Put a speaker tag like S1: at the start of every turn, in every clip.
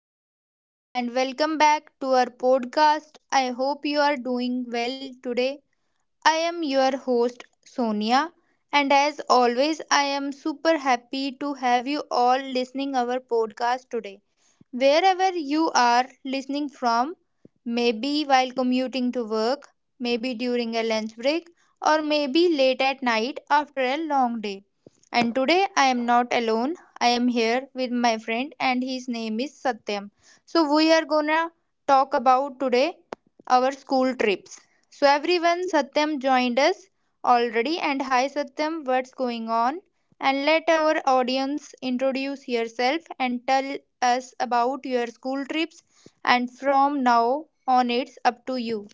S1: everyone, and welcome back to our podcast. I hope you are doing well today. I am your host Sonia, and as always I am super happy to have you all listening our podcast today. Wherever you are listening from, maybe while commuting to work, maybe during a lunch break, or maybe late at night after a long day. And today I am not alone. I am here with my friend, and his name is Satyam. So we are gonna talk about today our school trips. So everyone, Satyam joined us already. And hi Satyam, what's going on? And let our audience introduce yourself and tell us about your school trips. And from now on, it's up to you.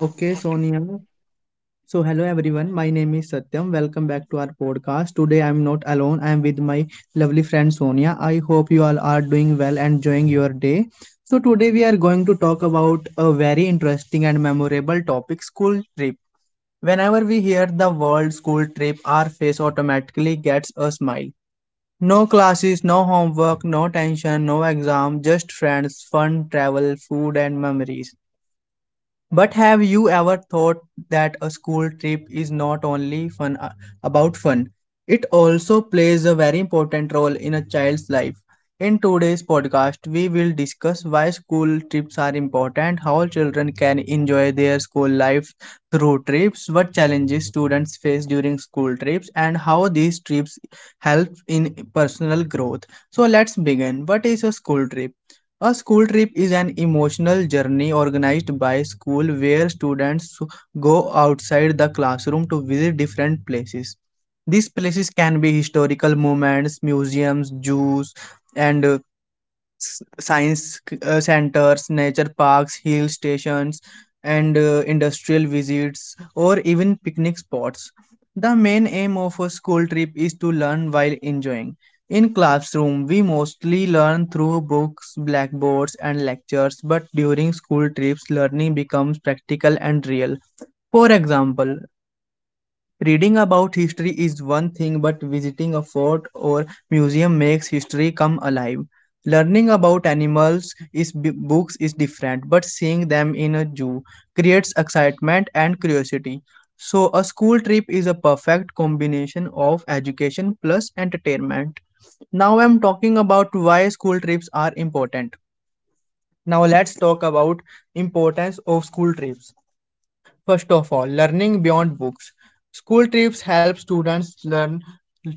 S2: Okay, Sonia. So, hello everyone. My name is Satyam. Welcome back to our podcast. Today, I'm not alone. I'm with my lovely friend Sonia. I hope you all are doing well and enjoying your day. So, today we are going to talk about a very interesting and memorable topic school trip. Whenever we hear the word school trip, our face automatically gets a smile. No classes, no homework, no tension, no exam, just friends, fun, travel, food, and memories. But have you ever thought that a school trip is not only fun about fun? It also plays a very important role in a child's life. In today's podcast, we will discuss why school trips are important, how children can enjoy their school life through trips, what challenges students face during school trips, and how these trips help in personal growth. So let's begin. What is a school trip? A school trip is an emotional journey organized by school where students go outside the classroom to visit different places. These places can be historical moments, museums, zoos, and science centers, nature parks, hill stations, and industrial visits, or even picnic spots. The main aim of a school trip is to learn while enjoying. In classroom, we mostly learn through books, blackboards, and lectures, but during school trips, learning becomes practical and real. For example, reading about history is one thing, but visiting a fort or museum makes history come alive. Learning about animals is books is different, but seeing them in a zoo creates excitement and curiosity. So a school trip is a perfect combination of education plus entertainment. Now I'm talking about why school trips are important. Now let's talk about importance of school trips. First of all, learning beyond books. School trips help students learn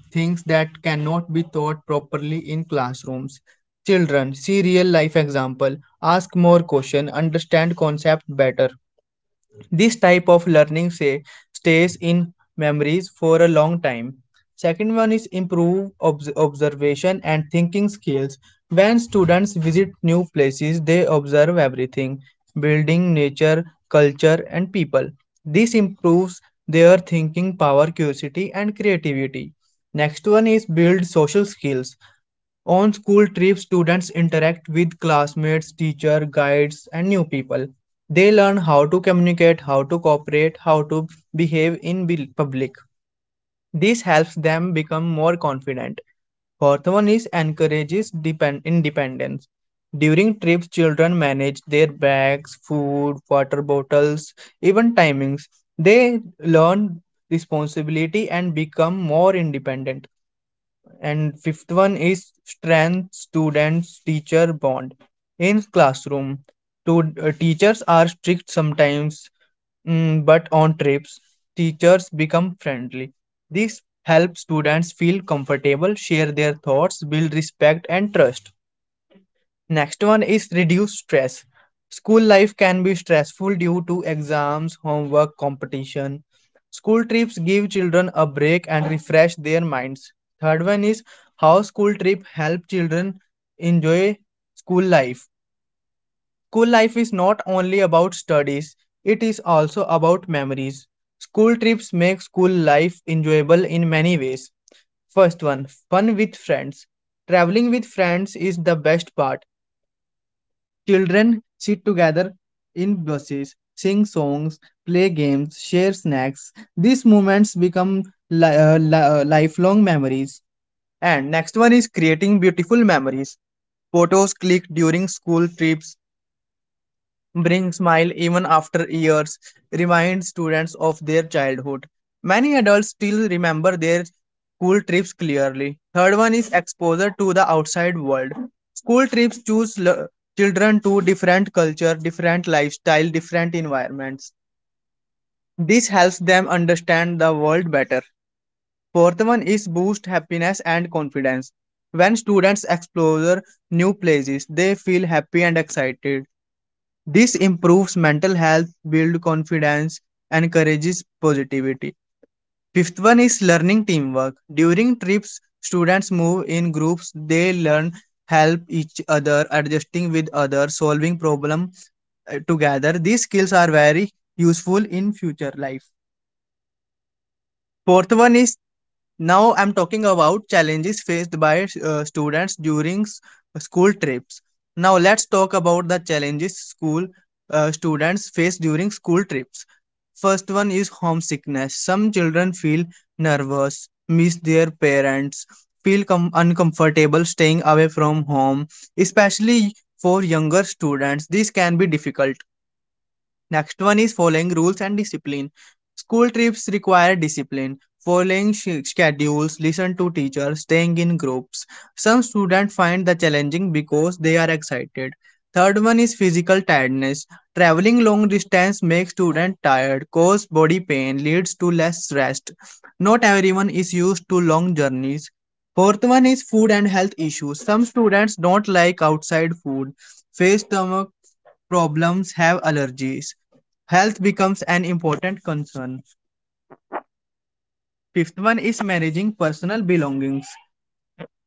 S2: things that cannot be taught properly in classrooms. Children, see real life example, ask more questions, understand concept better. This type of learning say, stays in memories for a long time. Second one is improve observation and thinking skills. When students visit new places, they observe everything, building, nature, culture, and people. This improves their thinking power, curiosity, and creativity. Next one is build social skills. On school trips, students interact with classmates, teacher, guides, and new people. They learn how to communicate, how to cooperate, how to behave in public. This helps them become more confident. Fourth one is encourages independence. During trips, children manage their bags, food, water bottles, even timings. They learn responsibility and become more independent. And fifth one is strength students teacher bond. In classroom, teachers are strict sometimes, but on trips, teachers become friendly. This helps students feel comfortable, share their thoughts, build respect and trust. Next one is reduce stress. School life can be stressful due to exams, homework, competition. School trips give children a break and refresh their minds. Third one is how school trip help children enjoy school life. School life is not only about studies, it is also about memories. School trips make school life enjoyable in many ways. First one, fun with friends. Traveling with friends is the best part. Children sit together in buses, sing songs, play games, share snacks. These moments become lifelong memories. And next one is creating beautiful memories. Photos clicked during school trips, bring smile even after years, remind students of their childhood. Many adults still remember their school trips clearly. Third one is exposure to the outside world. School trips choose children to different culture, different lifestyle, different environments. This helps them understand the world better. Fourth one is boost happiness and confidence. When students explore new places, they feel happy and excited. This improves mental health, builds confidence, and encourages positivity. Fifth one is learning teamwork. During trips, students move in groups. They learn help each other, adjusting with others, solving problem together. These skills are very useful in future life. Fourth one is now I'm talking about challenges faced by students during school trips. Now let's talk about the challenges school students face during school trips. First one is homesickness. Some children feel nervous, miss their parents, feel uncomfortable staying away from home, especially for younger students. This can be difficult. Next one is following rules and discipline. School trips require discipline, following schedules, listen to teachers, staying in groups. Some students find the challenging because they are excited. Third one is physical tiredness. Traveling long distance makes students tired, cause body pain, leads to less rest. Not everyone is used to long journeys. Fourth one is food and health issues. Some students don't like outside food, face stomach problems, have allergies. Health becomes an important concern. Fifth one is managing personal belongings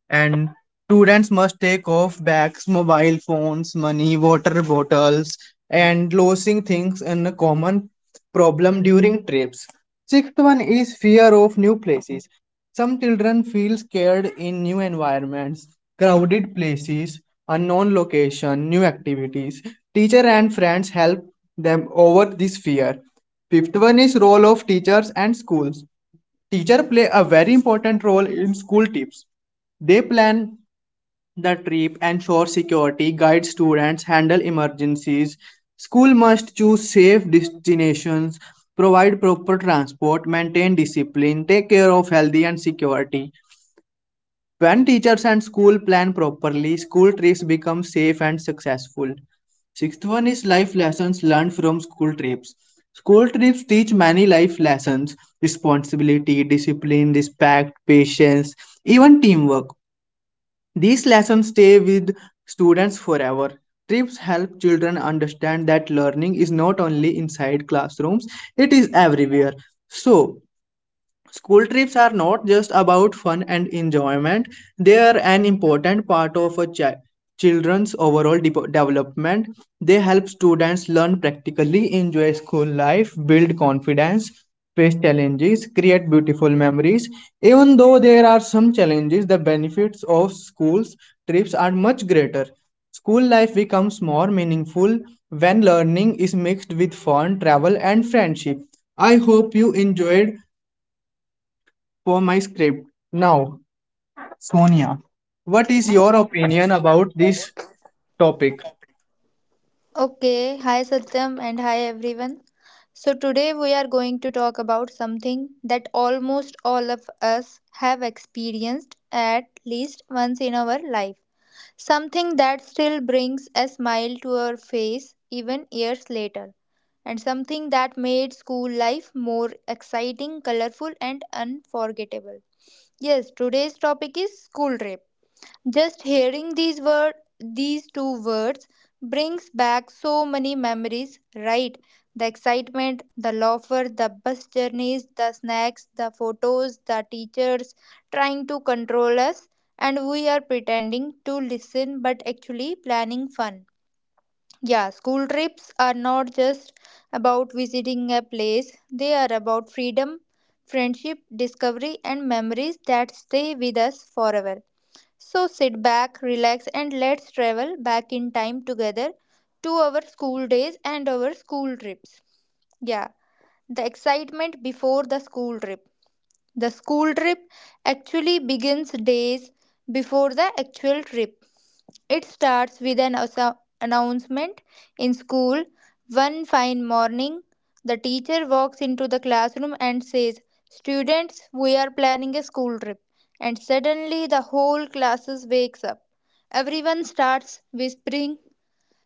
S2: and students must take off bags, mobile phones, money, water bottles, and losing things in a common problem during trips. Sixth one is fear of new places. Some children feel scared in new environments, crowded places, unknown location, new activities. Teacher and friends help them over this fear. Fifth one is role of teachers and schools. Teacher play a very important role in school trips. They plan the trip, ensure security, guide students, handle emergencies. School must choose safe destinations, provide proper transport, maintain discipline, take care of health and security. When teachers and school plan properly, school trips become safe and successful. Sixth one is life lessons learned from school trips. School trips teach many life lessons responsibility, discipline, respect, patience, even teamwork. These lessons stay with students forever. Trips help children understand that learning is not only inside classrooms, it is everywhere. So, school trips are not just about fun and enjoyment, they are an important part of a children's overall development. They help students learn practically, enjoy school life, build confidence, face challenges, create beautiful memories. Even though there are some challenges, the benefits of schools trips are much greater. School life becomes more meaningful when learning is mixed with fun, travel, and friendship. I hope you enjoyed for my script. Now, Sonia, what is your opinion about this topic?
S1: Okay, hi Satyam and hi everyone. So, today we are going to talk about something that almost all of us have experienced at least once in our life. Something that still brings a smile to our face even years later, and something that made school life more exciting, colorful, and unforgettable. Yes, today's topic is school trip. Just hearing these two words brings back so many memories, right? The excitement, the laughter, the bus journeys, the snacks, the photos, the teachers trying to control us, and we are pretending to listen but actually planning fun. Yeah, school trips are not just about visiting a place, they are about freedom, friendship, discovery, and memories that stay with us forever. So sit back, relax, and let's travel back in time together to our school days and our school trips. Yeah, the excitement before the school trip. The school trip actually begins days before the actual trip. It starts with an announcement in school. One fine morning, the teacher walks into the classroom and says, "Students, we are planning a school trip." And suddenly the whole class wakes up. Everyone starts whispering,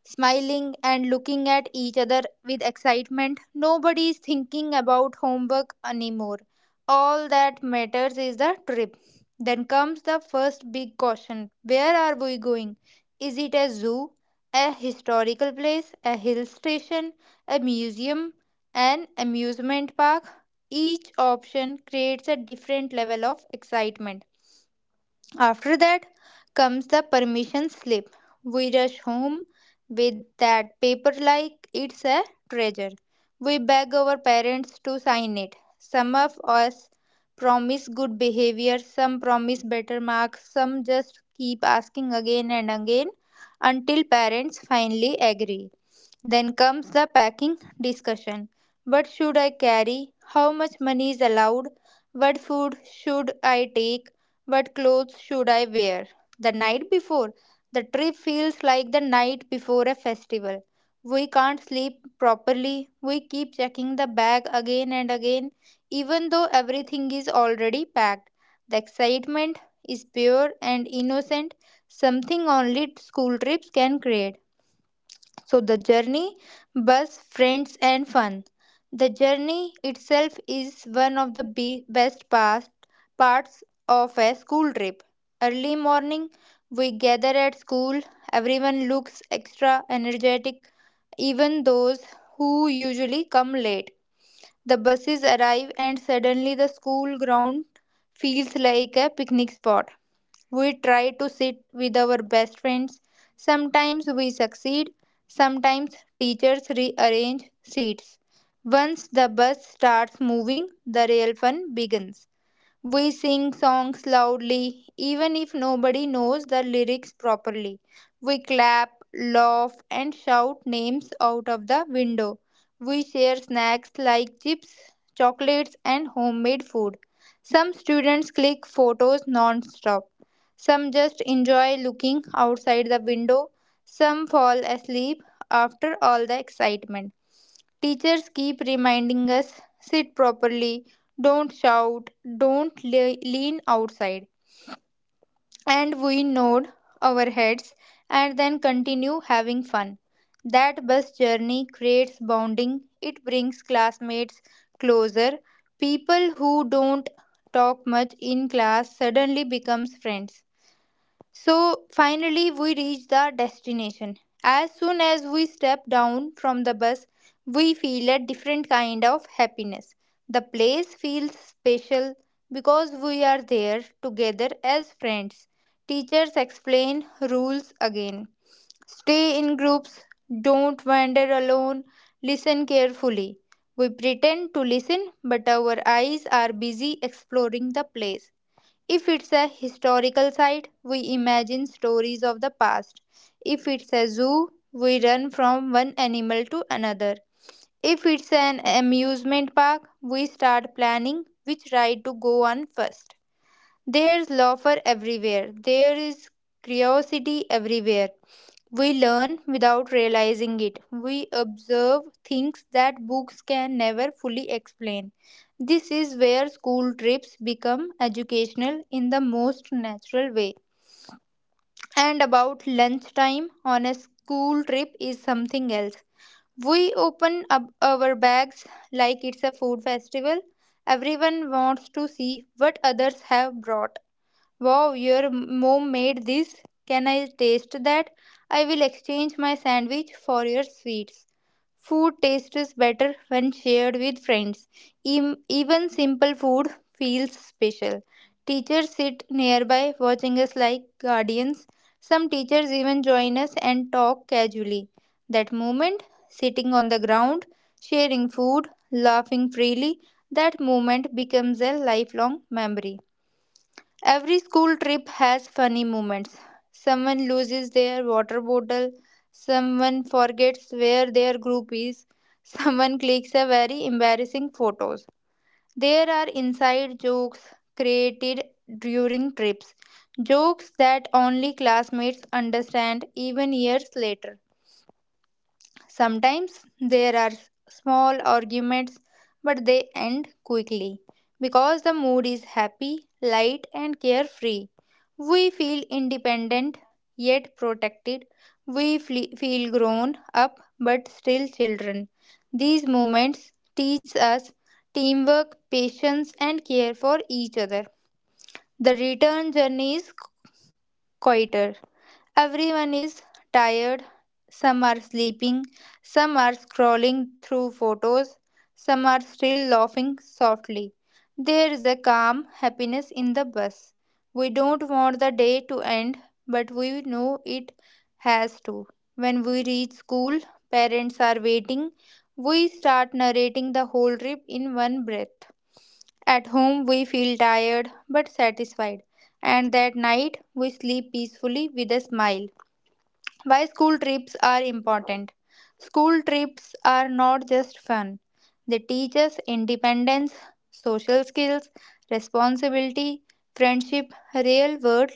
S1: smiling, and looking at each other with excitement. Nobody is thinking about homework anymore. All that matters is the trip. Then comes the first big question: where are we going? Is it a zoo, a historical place, a hill station, a museum, an amusement park? Each option creates a different level of excitement. After that comes the permission slip. We rush home with that paper like it's a treasure. We beg our parents to sign it. Some of us promise good behavior, some promise better marks, some just keep asking again and again until parents finally agree. Then comes the packing discussion. What should I carry? How much money is allowed? What food should I take? What clothes should I wear? The night before, the trip feels like the night before a festival. We can't sleep properly. We keep checking the bag again and again, even though everything is already packed. The excitement is pure and innocent, something only school trips can create. So the journey, bus, friends, and fun. The journey itself is one of the be- best past parts of a school trip. Early morning, we gather at school. Everyone looks extra energetic, even those who usually come late. The buses arrive, and suddenly the school ground feels like a picnic spot. We try to sit with our best friends. Sometimes we succeed, sometimes teachers rearrange seats. Once the bus starts moving, the real fun begins. We sing songs loudly, even if nobody knows the lyrics properly. We clap, laugh, and shout names out of the window. We share snacks like chips, chocolates, and homemade food. Some students click photos non stop. Some just enjoy looking outside the window. Some fall asleep after all the excitement. Teachers keep reminding us: sit properly, don't shout, don't lean outside. And we nod our heads and then continue having fun. That bus journey creates bonding, it brings classmates closer. People who don't talk much in class suddenly becomes friends. So finally, we reach the destination. As soon as we step down from the bus, we feel a different kind of happiness. The place feels special because we are there together as friends. Teachers explain rules again. Stay in groups, don't wander alone, listen carefully. We pretend to listen, but our eyes are busy exploring the place. If it's a historical site, we imagine stories of the past. If it's a zoo, we run from one animal to another. If it's an amusement park, we start planning which ride to go on first. There's laughter everywhere, there is curiosity everywhere, we learn without realizing it. We observe things that books can never fully explain. This is where school trips become educational in the most natural way. And about lunchtime on a school trip is something else. We open up our bags like it's a food festival. Everyone wants to see what others have brought. Wow, your mom made this. Can I taste that? I will exchange my sandwich for your sweets. Food tastes better when shared with friends. Even simple food feels special. Teachers sit nearby watching us like guardians. Some teachers even join us and talk casually. That moment, sitting on the ground, sharing food, laughing freely, that moment becomes a lifelong memory. Every school trip has funny moments. Someone loses their water bottle, someone forgets where their group is, someone clicks a very embarrassing photos. There are inside jokes created during trips, jokes that only classmates understand even years later. Sometimes there are small arguments, but they end quickly because the mood is happy, light, and carefree. We feel independent yet protected. We feel grown up but still children. These moments teach us teamwork, patience, and care for each other. The return journey is quieter. Everyone is tired, some are sleeping, some are scrolling through photos, some are still laughing softly. There is a calm happiness in the bus. We don't want the day to end, but we know it has to. When we reach school, parents are waiting. We start narrating the whole trip in one breath. At home, we feel tired but satisfied, and that night we sleep peacefully with a smile. Why school trips are important? School trips are not just fun. They teach us independence, social skills, responsibility, friendship,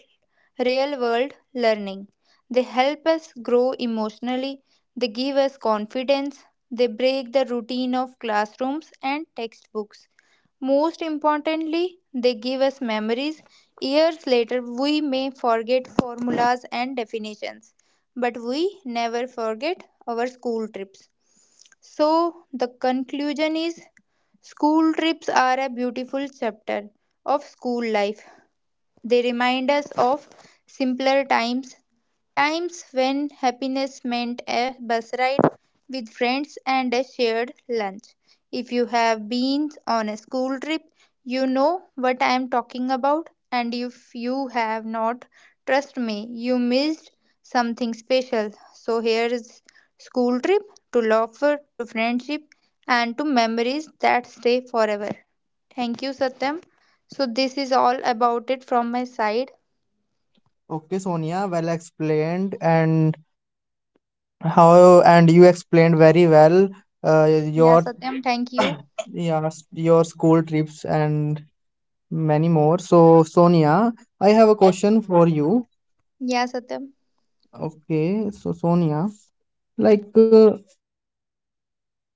S1: real world learning. They help us grow emotionally, they give us confidence, they break the routine of classrooms and textbooks. Most importantly, they give us memories. Years later, we may forget formulas and definitions, but we never forget our school trips. So, the conclusion is school trips are a beautiful chapter of school life. They remind us of simpler times, times when happiness meant a bus ride with friends and a shared lunch. If you have been on a school trip, you know what I am talking about, and if you have not, trust me, you missed something special. So, here is school trip to laughter, to friendship, and to memories that stay forever. Thank you, Satyam. So, this is all about it from my side.
S2: Okay, Sonia, well explained, and how and you explained very well uh,
S1: Yeah,
S2: your
S1: Satyam, thank you.
S2: yeah your school trips and many more. So, Sonia, I have a question for you.
S1: Yeah, Satyam.
S2: Okay, so Sonia, like, uh,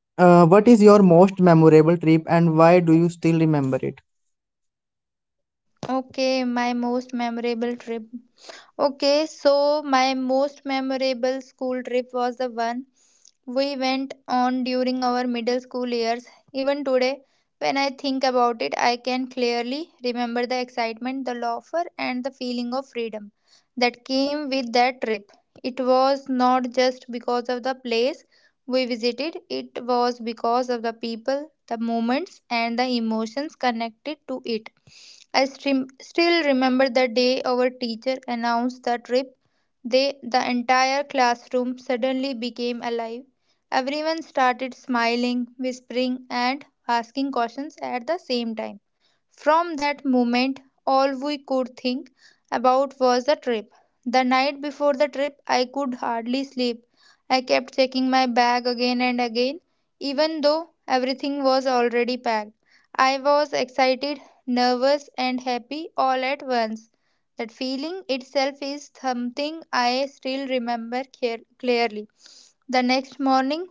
S2: uh, what is your most memorable trip and why do you still remember it?
S1: Okay, my most memorable trip. Okay, so my most memorable school trip was the one we went on during our middle school years. Even today, when I think about it, I can clearly remember the excitement, the laughter, and the feeling of freedom that came with that trip. It was not just because of the place we visited, it was because of the people, the moments, and the emotions connected to it. Still remember the day our teacher announced the trip. The entire classroom suddenly became alive. Everyone started smiling, whispering, and asking questions at the same time. From that moment, all we could think about was the trip. The night before the trip, I could hardly sleep. I kept checking my bag again and again, even though everything was already packed. I was excited, nervous, and happy all at once. That feeling itself is something I still remember clearly. The next morning,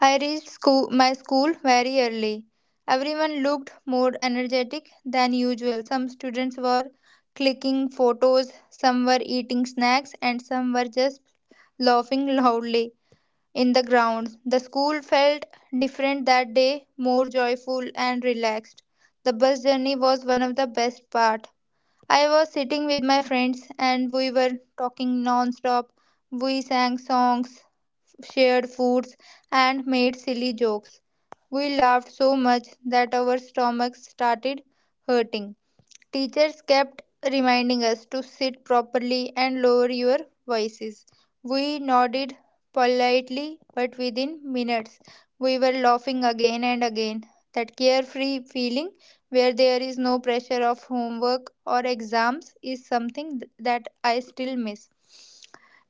S1: I reached my school very early. Everyone looked more energetic than usual. Some students were clicking photos, some were eating snacks, and some were just laughing loudly in the grounds. The school felt different that day, more joyful and relaxed. The bus journey was one of the best part. I was sitting with my friends and we were talking non-stop. We sang songs, shared foods, and made silly jokes. We laughed so much that our stomachs started hurting. Teachers kept reminding us to sit properly and lower your voices. We nodded politely, but within minutes we were laughing again and again. That carefree feeling where there is no pressure of homework or exams is something that I still miss.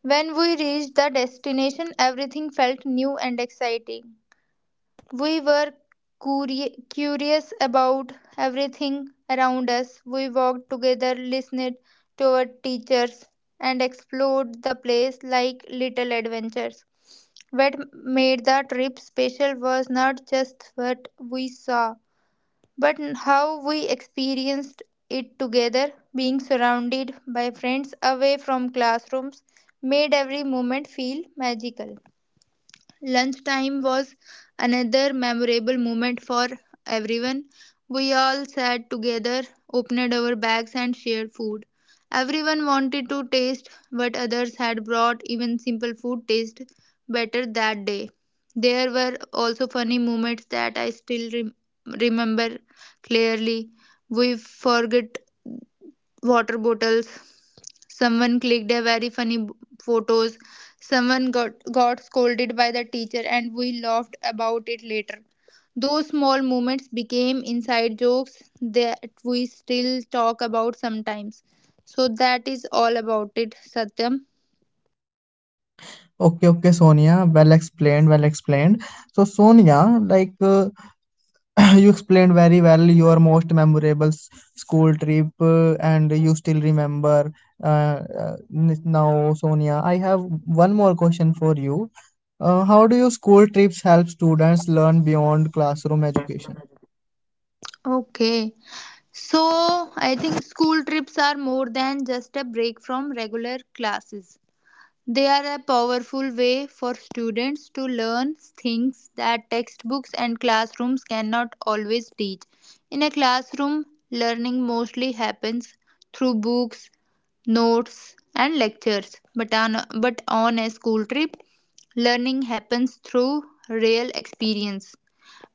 S1: When we reached the destination, everything felt new and exciting. We were curious about everything around us. We walked together, listened to our teachers, and explored the place like little adventures. What made the trip special was not just what we saw, but how we experienced it together. Being surrounded by friends away from classrooms made every moment feel magical. Lunchtime was another memorable moment for everyone. We all sat together, opened our bags, and shared food. Everyone wanted to taste what others had brought, even simple food tasted better that day. There were also funny moments that I still remember clearly. We forget water bottles, someone clicked a very funny photos, someone got scolded by the teacher and we laughed about it later. Those small moments became inside jokes that we still talk about sometimes. So that is all about it, Satyam.
S2: Okay, okay, Sonia. Well explained, well explained. So, Sonia, like you explained very well your most memorable school trip, and you still remember. Uh, Now, Sonia, I have one more question for you. How do your school trips help students learn beyond classroom education?
S1: Okay, so I think school trips are more than just a break from regular classes. They are a powerful way for students to learn things that textbooks and classrooms cannot always teach. In a classroom, learning mostly happens through books, notes, and lectures, but on a school trip, learning happens through real experience.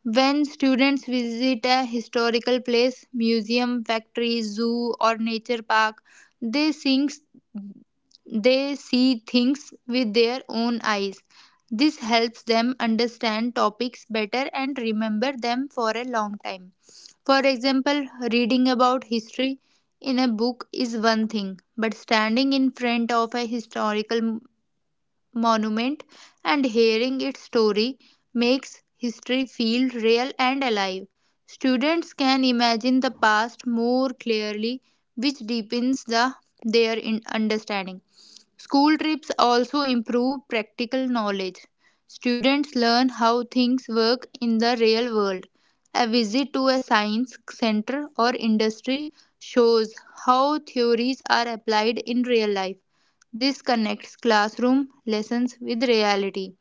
S1: When students visit a historical place, museum, factory, zoo, or nature park, they thinks they see things with their own eyes. This helps them understand topics better and remember them for a long time. For example, reading about history in a book is one thing, but standing in front of a historical monument, and hearing its story makes history feel real and alive. Students can imagine the past more clearly, which deepens their understanding. School trips also improve practical knowledge. Students learn how things work in the real world. A visit to a science center or industry shows how theories are applied in real life. This connects classroom lessons with reality.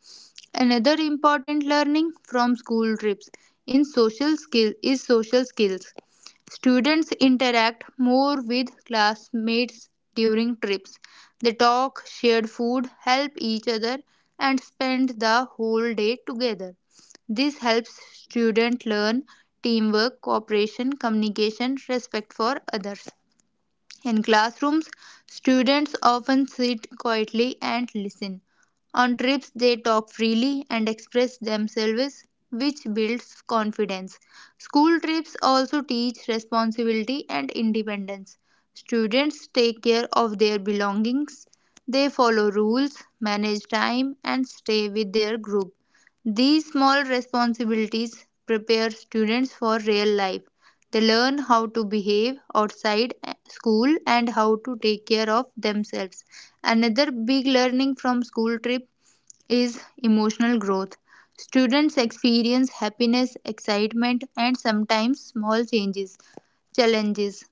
S1: Another important learning from school trips in social skill is social skills. Students interact more with classmates during trips. They talk, share food, help each other and spend the whole day together. This helps students learn teamwork, cooperation, communication, respect for others. In classrooms, students often sit quietly and listen. On trips, they talk freely and express themselves, which builds confidence. School trips also teach responsibility and independence. Students take care of their belongings, they follow rules, manage time, and stay with their group. These small responsibilities prepare students for real life. They learn how to behave outside school and how to take care of themselves. Another big learning from school trip is emotional growth. Students experience happiness, excitement, and sometimes small changes challenges.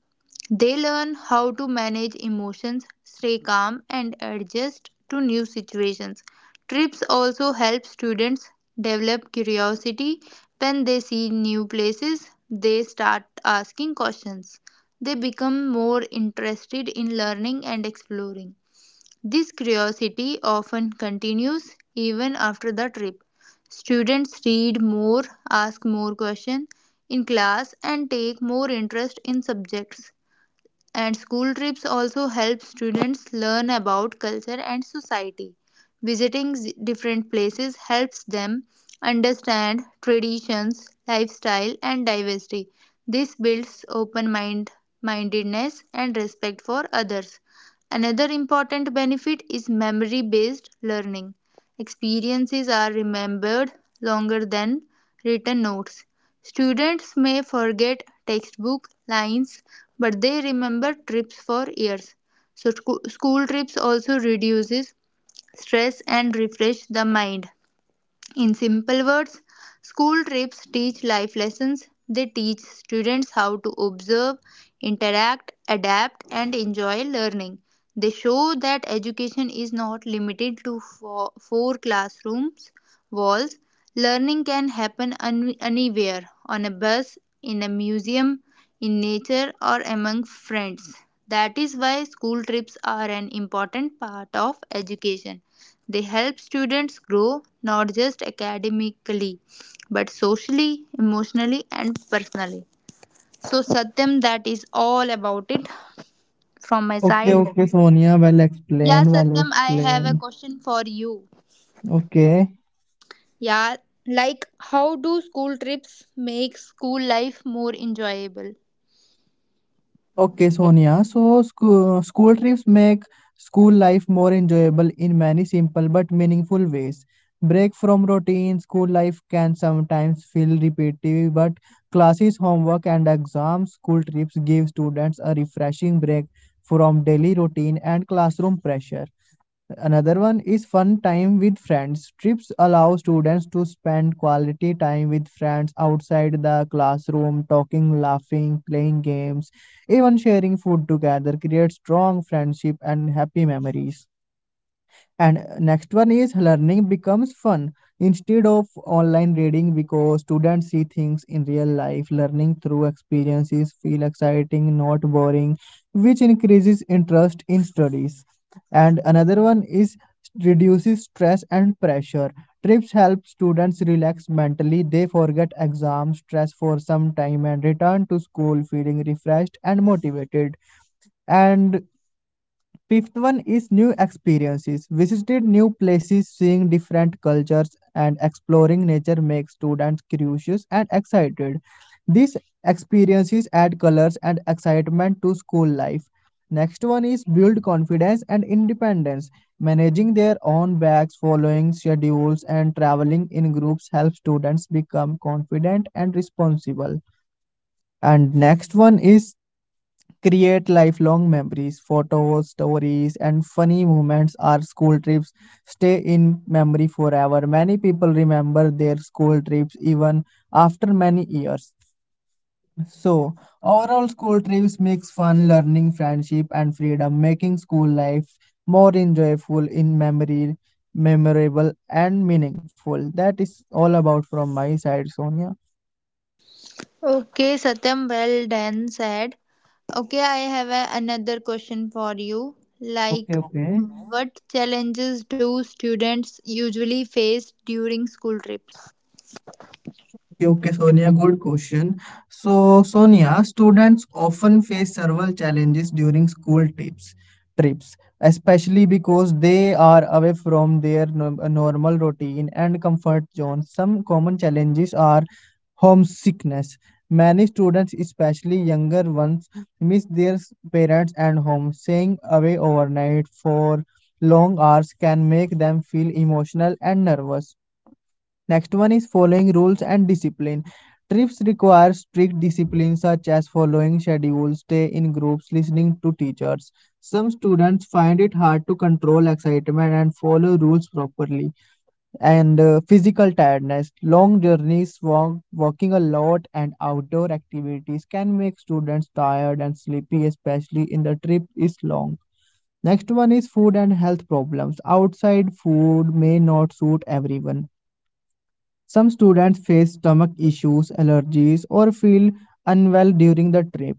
S1: They learn how to manage emotions, stay calm, and adjust to new situations. Trips also help students develop curiosity. When they see new places, they start asking questions. They become more interested in learning and exploring. This curiosity often continues even after the trip. Students read more, ask more questions in class, and take more interest in subjects and school trips also help students learn about culture and society. Visiting different places helps them understand traditions, lifestyle, and diversity. This builds mindedness and respect for others. Another important benefit is memory based learning. Experiences are remembered longer than written notes. Students may forget textbook lines, but they remember trips for years. So school trips also reduces stress and refresh the mind. In simple words, school trips teach life lessons. They teach students how to observe, interact, adapt, and enjoy learning. They show that education is not limited to four classrooms walls. Learning can happen anywhere on a bus, in a museum, in nature, or among friends. That is why school trips are an important part of education. They help students grow not just academically but socially, emotionally, and personally. So, Satyam, that is all about it from my
S2: Okay,
S1: side.
S2: okay, Sonia. Well
S1: Yeah,
S2: explained, well
S1: Satyam, I have a
S2: explained.
S1: question for you.
S2: Okay.
S1: Yeah, like how do school trips make school life more enjoyable?
S2: Okay, Sonia. So, school trips make school life more enjoyable in many simple but meaningful ways. Break from routine, school life can sometimes feel repetitive, but classes, homework, and exams, school trips give students a refreshing break from daily routine and classroom pressure. Another one is fun time with friends. Trips allow students to spend quality time with friends outside the classroom, talking, laughing, playing games, even sharing food together, creates strong friendship and happy memories. And next one is learning becomes fun instead of online reading because students see things in real life. Learning through experiences feel exciting, not boring, which increases interest in studies. And another one is reduces stress and pressure. Trips help students relax mentally. They forget exam stress for some time and return to school feeling refreshed and motivated. And fifth one is new experiences. Visited new places, seeing different cultures, and exploring nature makes students curious and excited. These experiences add colors and excitement to school life. Next one is build confidence and independence. Managing their own bags, following schedules, and traveling in groups help students become confident and responsible. And next one is create lifelong memories. Photos, stories, and funny moments are school trips stay in memory forever. Many people remember their school trips even after many years. So, overall, school trips mix fun, learning, friendship, and freedom, making school life more enjoyable in memorable, and meaningful. That is all about from my side, Sonia.
S1: Okay, Satyam, well done, said. Okay, I have another question for you.
S2: Okay,
S1: Like,
S2: okay.
S1: what challenges do students usually face during school trips?
S2: Okay, Sonia, good question. So, Sonia, students often face several challenges during school trips, especially because they are away from their normal routine and comfort zone. Some common challenges are homesickness. Many students, especially younger ones, miss their parents and home. Staying away overnight for long hours can make them feel emotional and nervous. Next one is following rules and discipline. Trips require strict discipline such as following schedules, stay in groups, listening to teachers. Some students find it hard to control excitement and follow rules properly. And physical tiredness, long journeys, walking a lot, and outdoor activities can make students tired and sleepy, especially if the trip is long. Next one is food and health problems. Outside food may not suit everyone, some students face stomach issues, allergies, or feel unwell during the trip.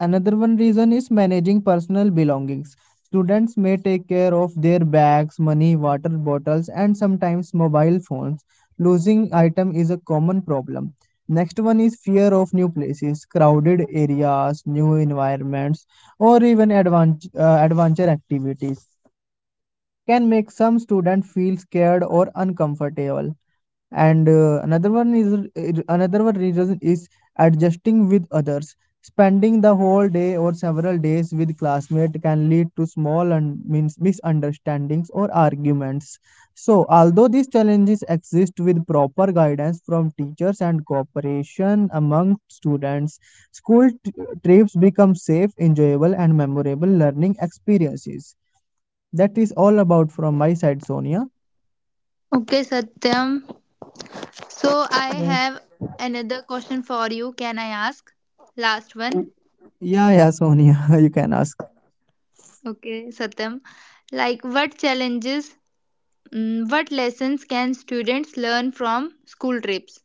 S2: Another one reason is managing personal belongings. Students may take care of their bags, money, water bottles, and sometimes mobile phones. Losing item is a common problem. Next one is fear of new places, crowded areas, new environments, or even adventure activities can make some students feel scared or uncomfortable and another one reason is adjusting with others, spending the whole day or several days with classmates can lead to small and means misunderstandings or arguments. So although these challenges exist, with proper guidance from teachers and cooperation among students, school trips become safe, enjoyable, and memorable learning experiences. That is all about from my side, Sonia.
S1: Okay, Satyam. So, I
S2: Yes.
S1: have another question for you. Can I ask? Last one.
S2: Yeah, yeah, Sonia, you can ask.
S1: Okay, Satyam. Like, what lessons can students learn from school trips?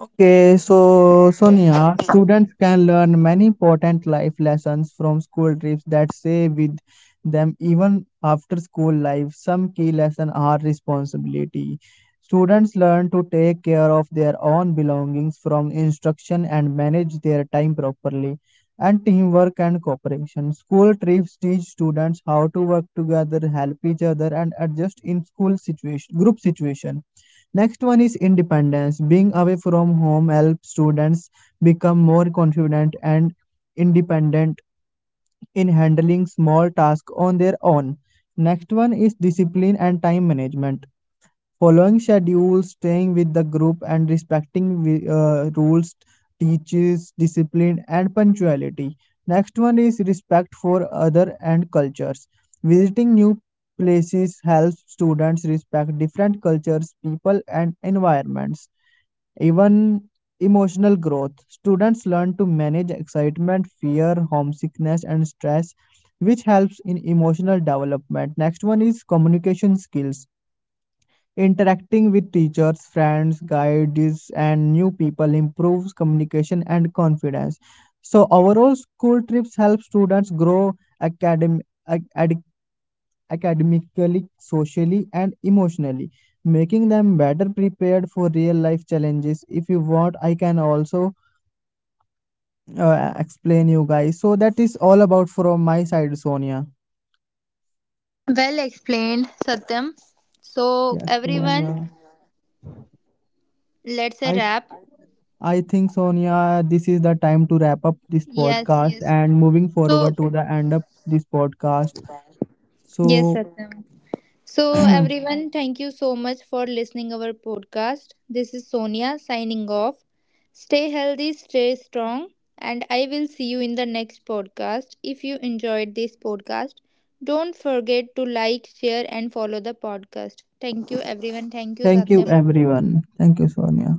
S2: Okay, so Sonia, students can learn many important life lessons from school trips that stay with them even after school life. Some key lessons are responsibility. Students learn to take care of their own belongings from instruction and manage their time properly, and teamwork and cooperation. School trips teach students how to work together, help each other, and adjust in group situation. Next one is independence. Being away from home helps students become more confident and independent in handling small tasks on their own. Next one is discipline and time management. Following schedules, staying with the group, and respecting rules teaches discipline and punctuality. Next one is respect for other and cultures. Visiting new places helps students respect different cultures, people, and environments. Even emotional growth. Students learn to manage excitement, fear, homesickness, and stress, which helps in emotional development. Next one is communication skills. Interacting with teachers, friends, guides, and new people improves communication and confidence. So overall, school trips help students grow academic academically, socially, and emotionally, making them better prepared for real life challenges. If you want, I can also explain you guys. So that is all about from my side, Sonia.
S1: Well explained, Satyam. So,
S2: Yes,
S1: everyone,
S2: Sonia.
S1: let's a
S2: I
S1: wrap.
S2: I think Sonia, this is the time to wrap up this
S1: Yes,
S2: podcast
S1: yes.
S2: and moving
S1: So,
S2: forward to the end of this podcast.
S1: yes,
S2: So
S1: Satyam. So everyone, thank you so much for listening our podcast. This is Sonia signing off. Stay healthy, stay strong, and I will see you in the next podcast. If you enjoyed this podcast, don't forget to like, share, and follow the podcast. Thank you, everyone. Thank you,
S2: thank you
S1: Satyam.
S2: everyone. Thank you, Sonia.